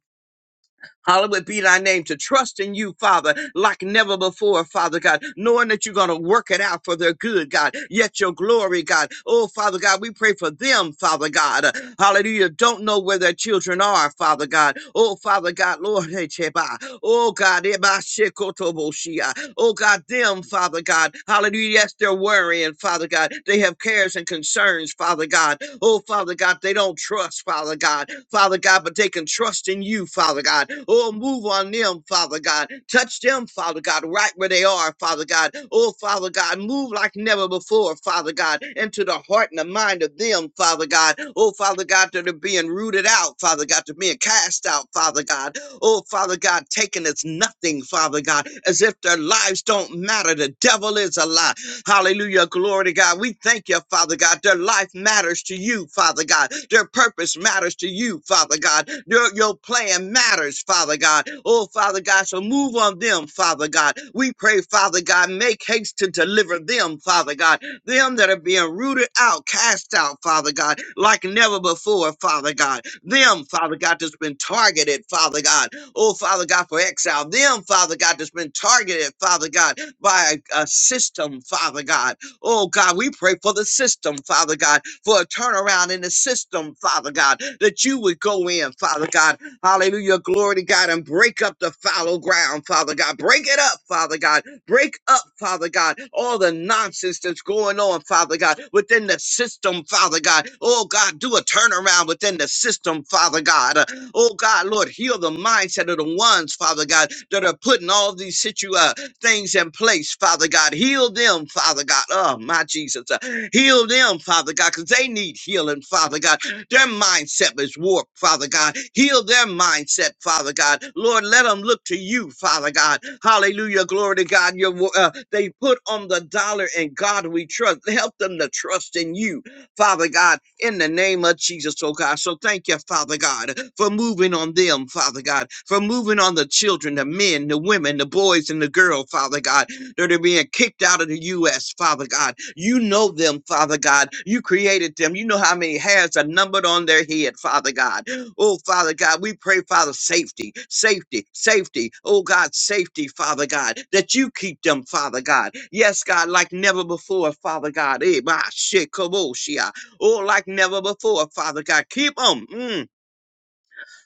D: Hallowed be thy name to trust in you, Father, like never before, Father God, knowing that you're going to work it out for their good, God. Yet your glory, God. Oh, Father God, we pray for them, Father God. Uh, Hallelujah. Don't know where their children are, Father God. Oh, Father God, Lord, hey, Cheba. Oh, God, Eba Shekotoboshia. oh, God, them, Father God. Hallelujah. Yes, they're worrying, Father God. God. They have cares and concerns, Father God. Oh, Father God, they don't trust, Father God. Father God, but they can trust in you, Father God. Oh, move on them, Father God. Touch them, Father God, right where they are, Father God. Oh, Father God, move like never before, Father God, into the heart and the mind of them, Father God. Oh, Father God, that are being rooted out, Father God, to being cast out, Father God. Oh, Father God, taken as nothing, Father God, as if their lives don't matter. The devil is a lie. Hallelujah. Glory to God. We thank you, Father God. Their life matters to you, Father God. Their purpose matters to you, Father God. Your, your plan matters, Father God. Oh, Father God. So move on them, Father God. We pray, Father God, make haste to deliver them, Father God. Them that are being rooted out, cast out, Father God, like never before, Father God. Them, Father God, that's been targeted, Father God. Oh, Father God, for exile. Them, Father God, that's been targeted, Father God by a, a system, Father God. Oh God, we pray for the system, Father God, for a turnaround in the system, Father God, that you would go in, Father God. Hallelujah. Glory to God and break up the fallow ground, Father God. Break it up, Father God. Break up, Father God, all the nonsense that's going on, Father God, within the system, Father God. Oh God, do a turnaround within the system, Father God. Uh, Oh God, Lord, heal the mindset of the ones, Father God, that are putting all these situations things in place, Father God. Heal them, Father God. Oh, my Jesus. Uh, Heal them, Father God, because they need healing, Father God. Their mindset is warped, Father God. Heal their mindset, Father God. Lord, let them look to you, Father God. Hallelujah. Glory to God. Your, wo- uh, they put on the dollar and God we trust. Help them to trust in you. Father God, in the name of Jesus, oh God. So thank you, Father God, for moving on them, Father God, for moving on the children, the men, the women, the boys, and the girl, Father God that are being kicked out of the U.S., Father God. You know them, Father God. You created them. You know how many hairs are numbered on their head, Father God. Oh, Father God, we pray, Father, safety, safety, safety. Oh, God, safety, Father God, that you keep them, Father God. Yes, God, like never before, Father God. Eh, bah, shit, kaboshia. Oh, like never before, Father God. Keep them.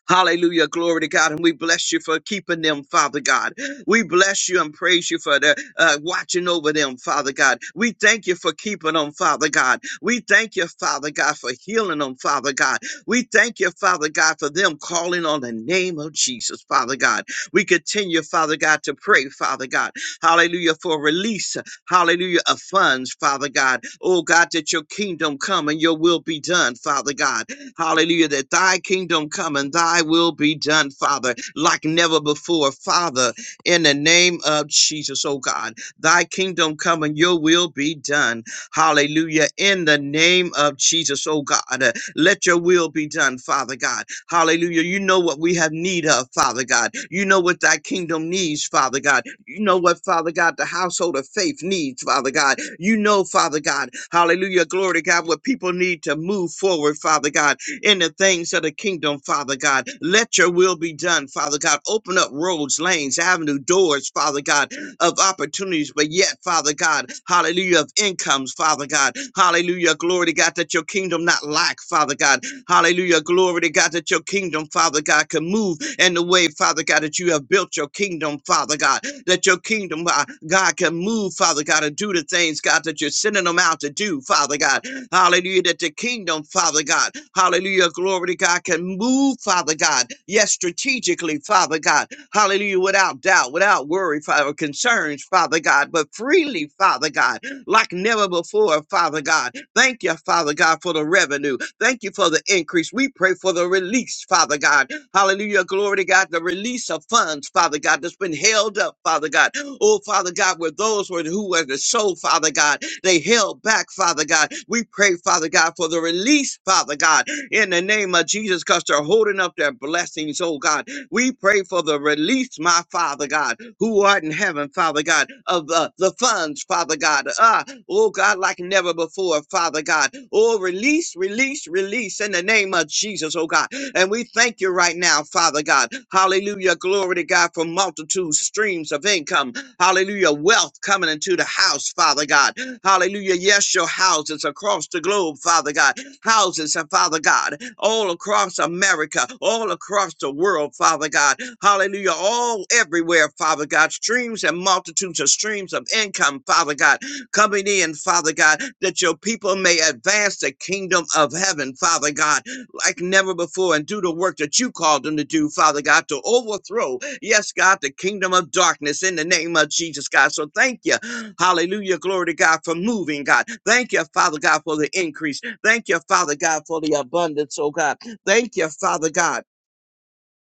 D: Hallelujah. Glory to God. And we bless you for keeping them, Father God. We bless you and praise you for the, uh, watching over them, Father God. We thank you for keeping them, Father God. We thank you, Father God, for healing them, Father God. We thank you, Father God, for them calling on the name of Jesus, Father God. We continue, Father God, to pray, Father God. Hallelujah, for release, hallelujah, of funds, Father God. Oh God, that your kingdom come and your will be done, Father God. Hallelujah. That thy kingdom come and thy will be done, Father, like never before. Father, in the name of Jesus, oh God, thy kingdom come and your will be done. Hallelujah. In the name of Jesus, oh God, uh, let your will be done, Father God. Hallelujah. You know what we have need of, Father God. You know what thy kingdom needs, Father God. You know what, Father God, the household of faith needs, Father God. You know, Father God, hallelujah, glory to God, what people need to move forward, Father God in the things of the kingdom, Father God. Let your will be done, Father God. Open up roads, lanes, avenue, doors, Father God, of opportunities, but yet, Father God, hallelujah, of incomes, Father God. Hallelujah, glory to God, that your kingdom not lack, Father God. Hallelujah. Glory to God that your kingdom, Father God, can move in the way, Father God, that you have built your kingdom, Father God, that your kingdom, uh, God, can move, Father God, and do the things, God, that you're sending them out to do, Father God. Hallelujah. That the kingdom, Father God, hallelujah, glory to God, can move, Father God. Yes, strategically, Father God. Hallelujah. Without doubt, without worry, Father, concerns, Father God, but freely, Father God, like never before, Father God. Thank you, Father God, for the revenue. Thank you for the increase. We pray for the release, Father God. Hallelujah. Glory to God. The release of funds, Father God, that's been held up, Father God. Oh, Father God, where those were who were the soul, Father God, they held back, Father God. We pray, Father God, for the release, Father God, in the name of Jesus, because they're holding up their blessings, oh God. We pray for the release, my Father God, who art in heaven, Father God, of uh, the funds, Father God. Ah, Oh God, like never before, Father God. Oh, release, release, release in the name of Jesus, oh God. And we thank you right now, Father God. Hallelujah. Glory to God for multitudes, streams of income. Hallelujah. Wealth coming into the house, Father God. Hallelujah. Yes, your houses across the globe, Father God. Houses, uh, Father God, all across America, all across the world, Father God. Hallelujah. All everywhere, Father God. Streams and multitudes of streams of income, Father God coming in, Father God, that your people may advance the kingdom of heaven, Father God, like never before and do the work that you called them to do, Father God, to overthrow, yes, God, the kingdom of darkness in the name of Jesus, God. So thank you. Hallelujah. Glory to God for moving, God. Thank you, Father God, for the increase. Thank you, Father God, for the abundance, oh God. Thank you, Father God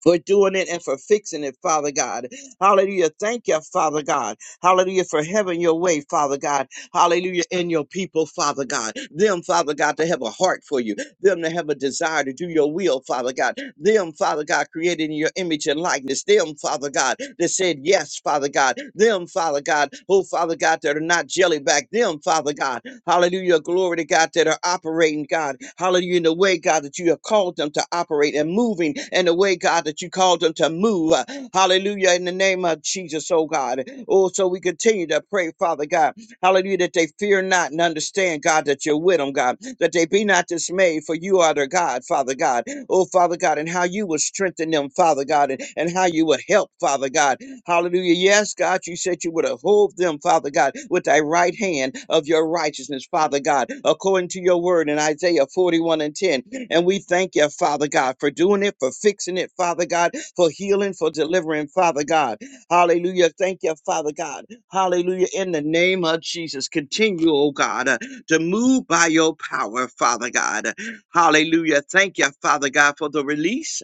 D: for doing it and for fixing it, Father God. Hallelujah. Thank you, Father God. Hallelujah, for having your way, Father God. Hallelujah, in your people, Father God. Them, Father God, to have a heart for you. Them to have a desire to do your will, Father God. Them, Father God, created in your image and likeness. Them, Father God, that said yes, Father God. Them, Father God, oh, Father God, that are not jelly back. Them, Father God, Hallelujah. Glory to God that are operating, God. Hallelujah. In the way, God, that you have called them to operate and moving in the way, God, that you called them to move. Hallelujah. In the name of Jesus, oh God. Oh, so we continue to pray, Father God. Hallelujah. That they fear not and understand, God, that you're with them, God. That they be not dismayed, for you are their God, Father God. Oh, Father God, and how you will strengthen them, Father God, and, and how you will help, Father God. Hallelujah. Yes, God, you said you would uphold them, Father God, with thy right hand of your righteousness, Father God, according to your word in Isaiah 41 and 10. And we thank you, Father God, for doing it, for fixing it, Father God, for healing, for delivering, Father God. Hallelujah. Thank you, Father God. Hallelujah. In the name of Jesus, continue, oh God, uh, to move by your power, Father God. Hallelujah. Thank you, Father God, for the release.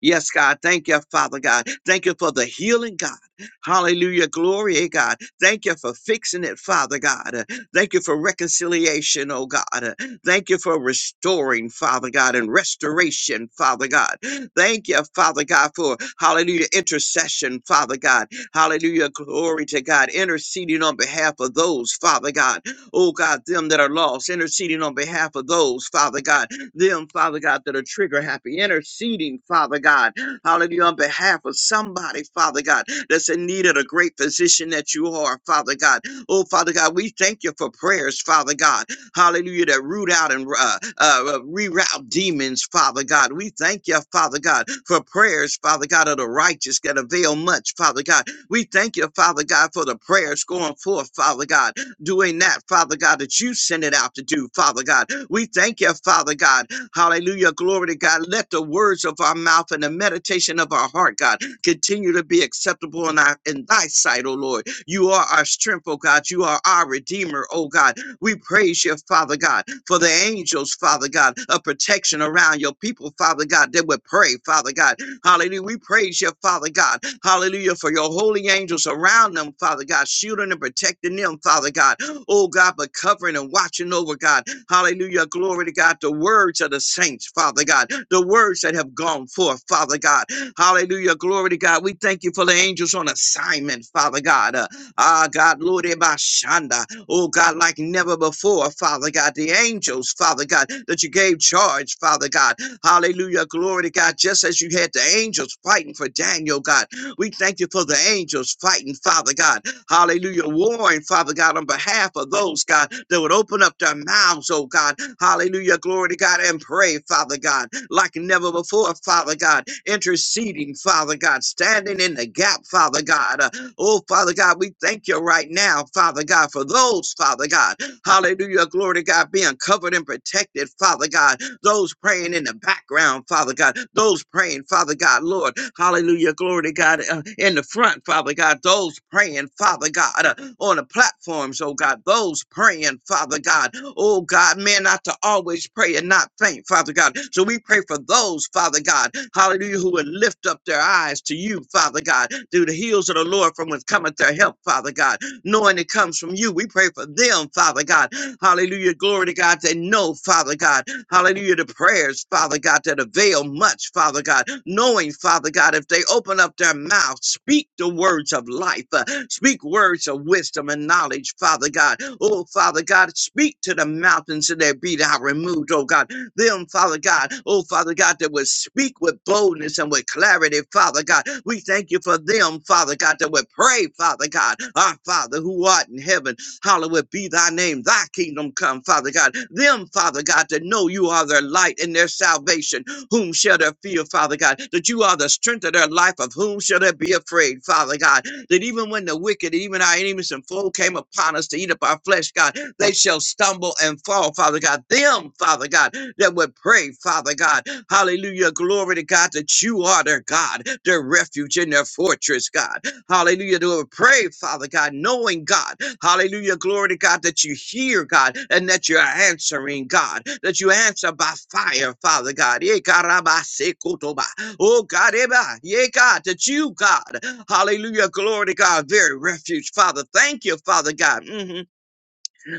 D: Yes, God. Thank you, Father God. Thank you for the healing, God. Hallelujah. Glory, eh, God. Thank you for fixing it, Father God. Uh, Thank you for reconciliation, oh God. Uh, Thank you for restoring, Father God, and restoration, Father God. Thank you, Father God, for hallelujah intercession, Father God. Hallelujah. Glory to God. Interceding on behalf of those, Father God. Oh God, them that are lost, interceding on behalf of those, Father God them, Father God, that are trigger happy, interceding, Father God, hallelujah, on behalf of somebody, Father God, that's in need of a great physician that you are, Father God. Oh, Father God, we thank you for prayers, Father God, hallelujah, that root out and uh, uh, uh, reroute demons, Father God. We thank you, Father God, for prayers, Father God, of the righteous that avail much, Father God. We thank you, Father God, for the prayers going forth, Father God doing that, Father God, that you sent it out to do, Father God. We thank you, Father God. Hallelujah. Glory to God. Let the words of our mouth and the meditation of our heart, God, continue to be acceptable in, our, in thy sight, O Lord. You are our strength, O God. You are our Redeemer, O God. We praise you, Father God, for the angels, Father God, of protection around your people, Father God, that would pray, Father God, Hallelujah. We praise you, Father God. Hallelujah. For your holy angels around them, Father God, shielding and protecting them, Father God. Oh God, but covering and watching over God. Hallelujah. Glory to God. The words of the saints, Father God. The words that have gone forth, Father God. Hallelujah. Glory to God. We thank you for the angels on assignment, Father God. Uh, ah, God, Lord, Ebashanda. Oh God, like never before, Father God. The angels, Father God, that you gave charge, Father God. Hallelujah. Glory to God. Just as you had the angels fighting for Daniel, God, we thank you for the angels fighting, Father God. Hallelujah. Warring, Father God, on behalf of those, God, that would open up their mouths, oh God. Hallelujah. Glory to God and pray, Father God, like never before, Father God. Interceding, Father God. Standing in the gap, Father God. Uh, oh, Father God, we thank you right now, Father God, for those, Father God. Hallelujah. Glory to God, being covered and protected, Father God those praying in the background, Father God, those praying, Father God, Lord, hallelujah, glory to God, uh, in the front, Father God, those praying, Father God, uh, on the platforms, oh God, those praying, Father God, oh God, man, not to always pray and not faint, Father God. So we pray for those, Father God, hallelujah, who would lift up their eyes to you, Father God, through the heels of the Lord from whence cometh their help, Father God knowing it comes from you. We pray for them, Father God. Hallelujah. Glory to God. They know, Father God. Hallelujah. The prayers, Father God, that avail much, Father God. Knowing, Father God, if they open up their mouth, speak the words of life, uh, speak words of wisdom and knowledge, Father God. Oh, Father God, speak to the mountains and they be thou removed, oh God them, Father God. Oh, Father God, that would speak with boldness and with clarity, Father God. We thank you for them, Father God, that would pray, Father God. Our Father who art in heaven, hallowed be thy name, thy kingdom come, Father God. Them, Father God, that know you are their light and their salvation. Whom shall they fear, Father God? That you are the strength of their life, of whom shall they be afraid, Father God? that even when the wicked, even our enemies and foe came upon us to eat up our flesh, God, they shall stumble and fall, Father God. Them, Father God, that would pray, Father God. Hallelujah. Glory to God that you are their God, their refuge and their fortress, God. Hallelujah. They would pray, Father God, knowing God. Hallelujah. Glory to God that you hear, God, and that you're answering, God, that you answer by fire, Father God. Eh, karabasekotoba. Oh, God, eba. yeah, God, that you, God, hallelujah, glory to God, very refuge, Father. Thank you, Father God. Mhm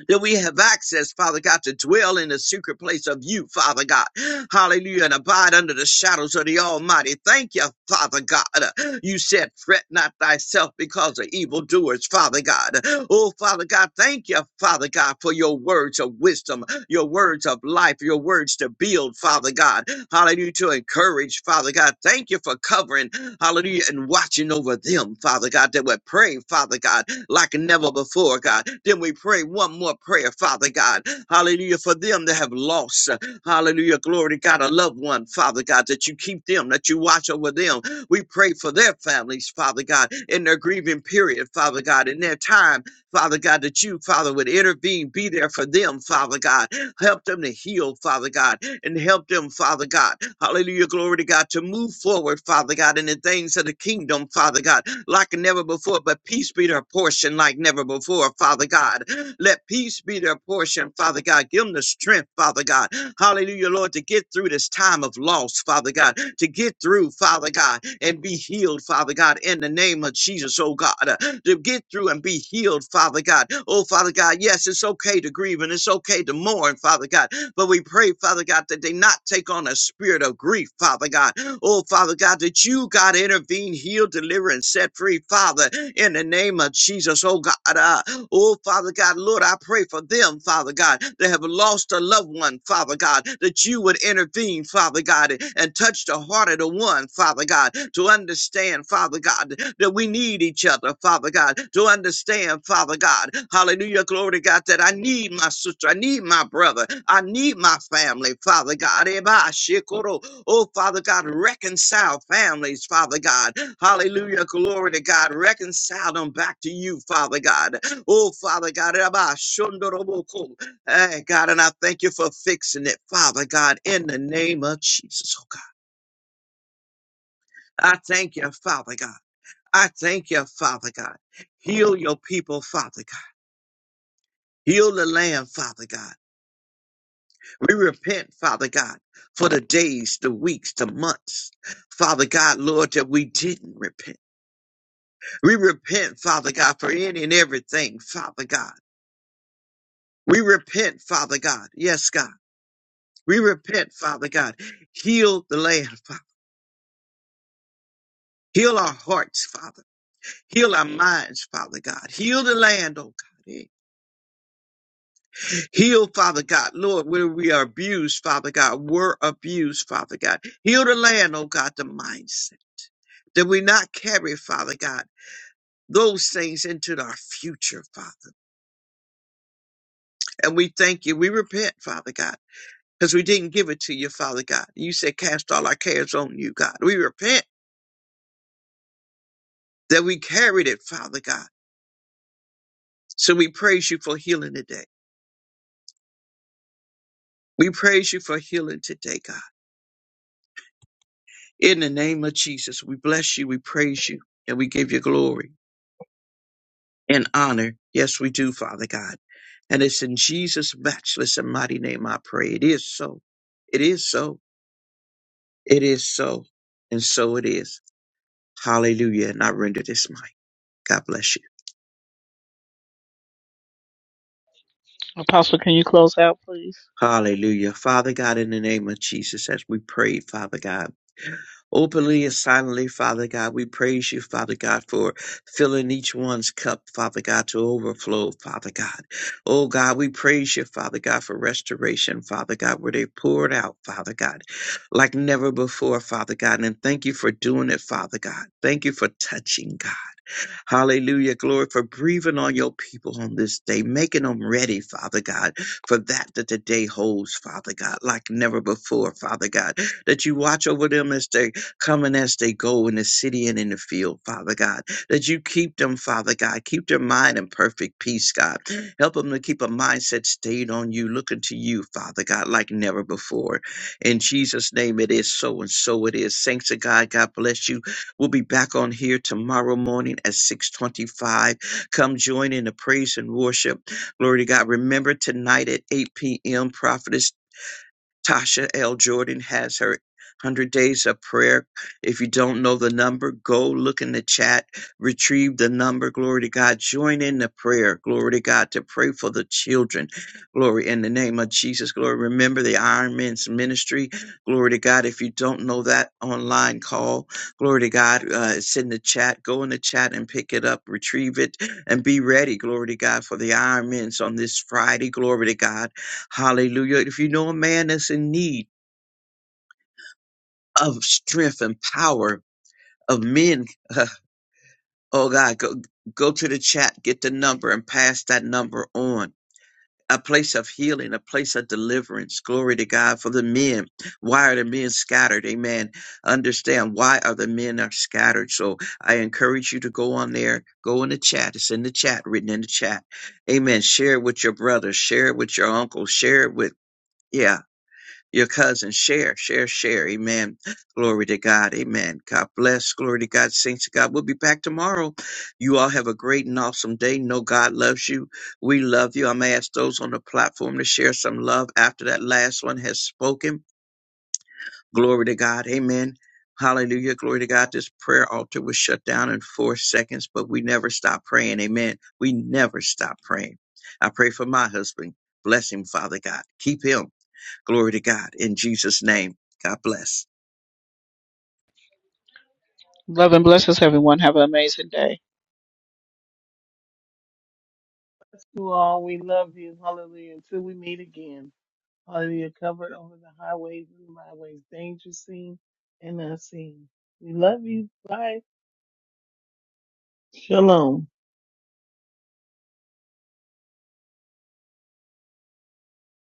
D: that we have access, Father God, to dwell in the secret place of you, Father God. Hallelujah. And abide under the shadows of the Almighty. Thank you, Father God. You said, fret not thyself because of evildoers, Father God. Oh, Father God, thank you, Father God, for your words of wisdom, your words of life, your words to build, Father God. Hallelujah. To encourage, Father God. Thank you for covering, hallelujah, and watching over them, Father God, that would pray, Father God like never before, God. Then we pray one more prayer, Father God. Hallelujah. For them that have lost, uh, hallelujah, glory to God, a loved one, Father God, that you keep them, that you watch over them. We pray for their families, Father God, in their grieving period, Father God, in their time, Father God, that you, Father, would intervene, be there for them, Father God. Help them to heal, Father God, and help them, Father God. Hallelujah, glory to God, to move forward, Father God, in the things of the kingdom, Father God, like never before. But peace be their portion, like never before, Father God. Let peace be their portion, Father God. Give them the strength, Father God. Hallelujah, Lord, to get through this time of loss, Father God, to get through, Father God, and be healed, Father God, in the name of Jesus, oh God, uh, to get through and be healed, Father God. Oh, Father God, yes, it's okay to grieve and it's okay to mourn, Father God, but we pray, Father God, that they not take on a spirit of grief, Father God. Oh, Father God, that you, God, intervene, heal, deliver, and set free, Father, in the name of Jesus, oh God. Uh, oh, Oh, Father God, Lord, I pray for them, Father God, that have lost a loved one, Father God, that you would intervene, Father God, and and touch the heart of the one, Father God, to understand, Father God, that we need each other, Father God, to understand, Father God. Hallelujah, glory to God, that I need my sister, I need my brother, I need my family, Father God. Eba shikoro. Oh, Father God, reconcile families, Father God. Hallelujah, glory to God. Reconcile them back to you, Father God. Oh, Father God, Rabba Shondoroboko. Hey, God, and I thank you for fixing it, Father God, in the name of Jesus, oh God. I thank you, Father God. I thank you, Father God. Heal your people, Father God. Heal the land, Father God. We repent, Father God, for the days, the weeks, the months, Father God, Lord, that we didn't repent. We repent, Father God, for any and everything, Father God. We repent, Father God. Yes, God. We repent, Father God. Heal the land, Father. Heal our hearts, Father. Heal our minds, Father God. Heal the land, oh God. Eh. Heal, Father God, Lord, where we are abused, Father God, were abused, Father God. Heal the land, oh God, the mindset that we not carry, Father God, those things into our future, Father. And we thank you. We repent, Father God, because we didn't give it to you, Father God. You said, cast all our cares on you, God. We repent that we carried it, Father God So we praise you for healing today. We praise you for healing today, God. In the name of Jesus, we bless you, we praise you, and we give you glory and honor. Yes, we do, Father God. And it's in Jesus' matchless and mighty name I pray. It is so. It is so. It is so. And so it is. Hallelujah. And I render this mic. God bless you.
A: Apostle, can you close out, please?
D: Hallelujah. Father God, in the name of Jesus, as we prayed, Father God. Openly and silently, Father God, we praise you, Father God, for filling each one's cup, Father God, to overflow, Father God. Oh God, we praise you, Father God, for restoration, Father God, where they poured out, Father God, like never before, Father God. And thank you for doing it, Father God. Thank you for touching, God. Hallelujah. Glory for breathing on your people on this day, making them ready, Father God, for that that the day holds, Father God, like never before, Father God. That you watch over them as they come and as they go in the city and in the field, Father God. That you keep them, Father God. Keep their mind in perfect peace, God. Help them to keep a mindset stayed on you, looking to you, Father God, like never before. In Jesus' name, it is so and so it is. Saints of God, God bless you. We'll be back on here tomorrow morning at 625. Come join in the praise and worship. Glory to God. Remember tonight at 8 p.m., Prophetess Tasha L. Jordan has her 100 Days of Prayer. If you don't know the number, go look in the chat, retrieve the number. Glory to God. Join in the prayer. Glory to God to pray for the children. Glory in the name of Jesus. Glory. Remember the Iron Men's ministry. Glory to God. If you don't know that online call, glory to God. Uh, it's in the chat. Go in the chat and pick it up, retrieve it, and be ready. Glory to God for the Iron Men's on this Friday. Glory to God Hallelujah. If you know a man that's in need of strength and power of men, oh God, go, go to the chat, get the number and pass that number on. A place of healing, a place of deliverance. Glory to God for the men. Why are the men scattered? Amen. Understand why are the men are scattered. So I encourage you to go on there, go in the chat. It's in the chat, written in the chat. Amen. Share it with your brother, share it with your uncle, share it with yeah your cousin. Share, share, share. Amen. Glory to God. Amen. God bless. Glory to God. Saints of God. We'll be back tomorrow. You all have a great and awesome day. Know God loves you. We love you. I'm going to ask those on the platform to share some love after that last one has spoken. Glory to God. Amen. Hallelujah. Glory to God. This prayer altar was shut down in four seconds, but we never stop praying. Amen. We never stop praying. I pray for my husband. Bless him, Father God. Keep him. Glory to God. In Jesus' name, God bless.
A: Love and blessings, everyone. Have an amazing day.
C: To all, we love you. Hallelujah. Until we meet again. Hallelujah. Covered over the highways and byways, danger seen and unseen. We love you. Bye. Shalom.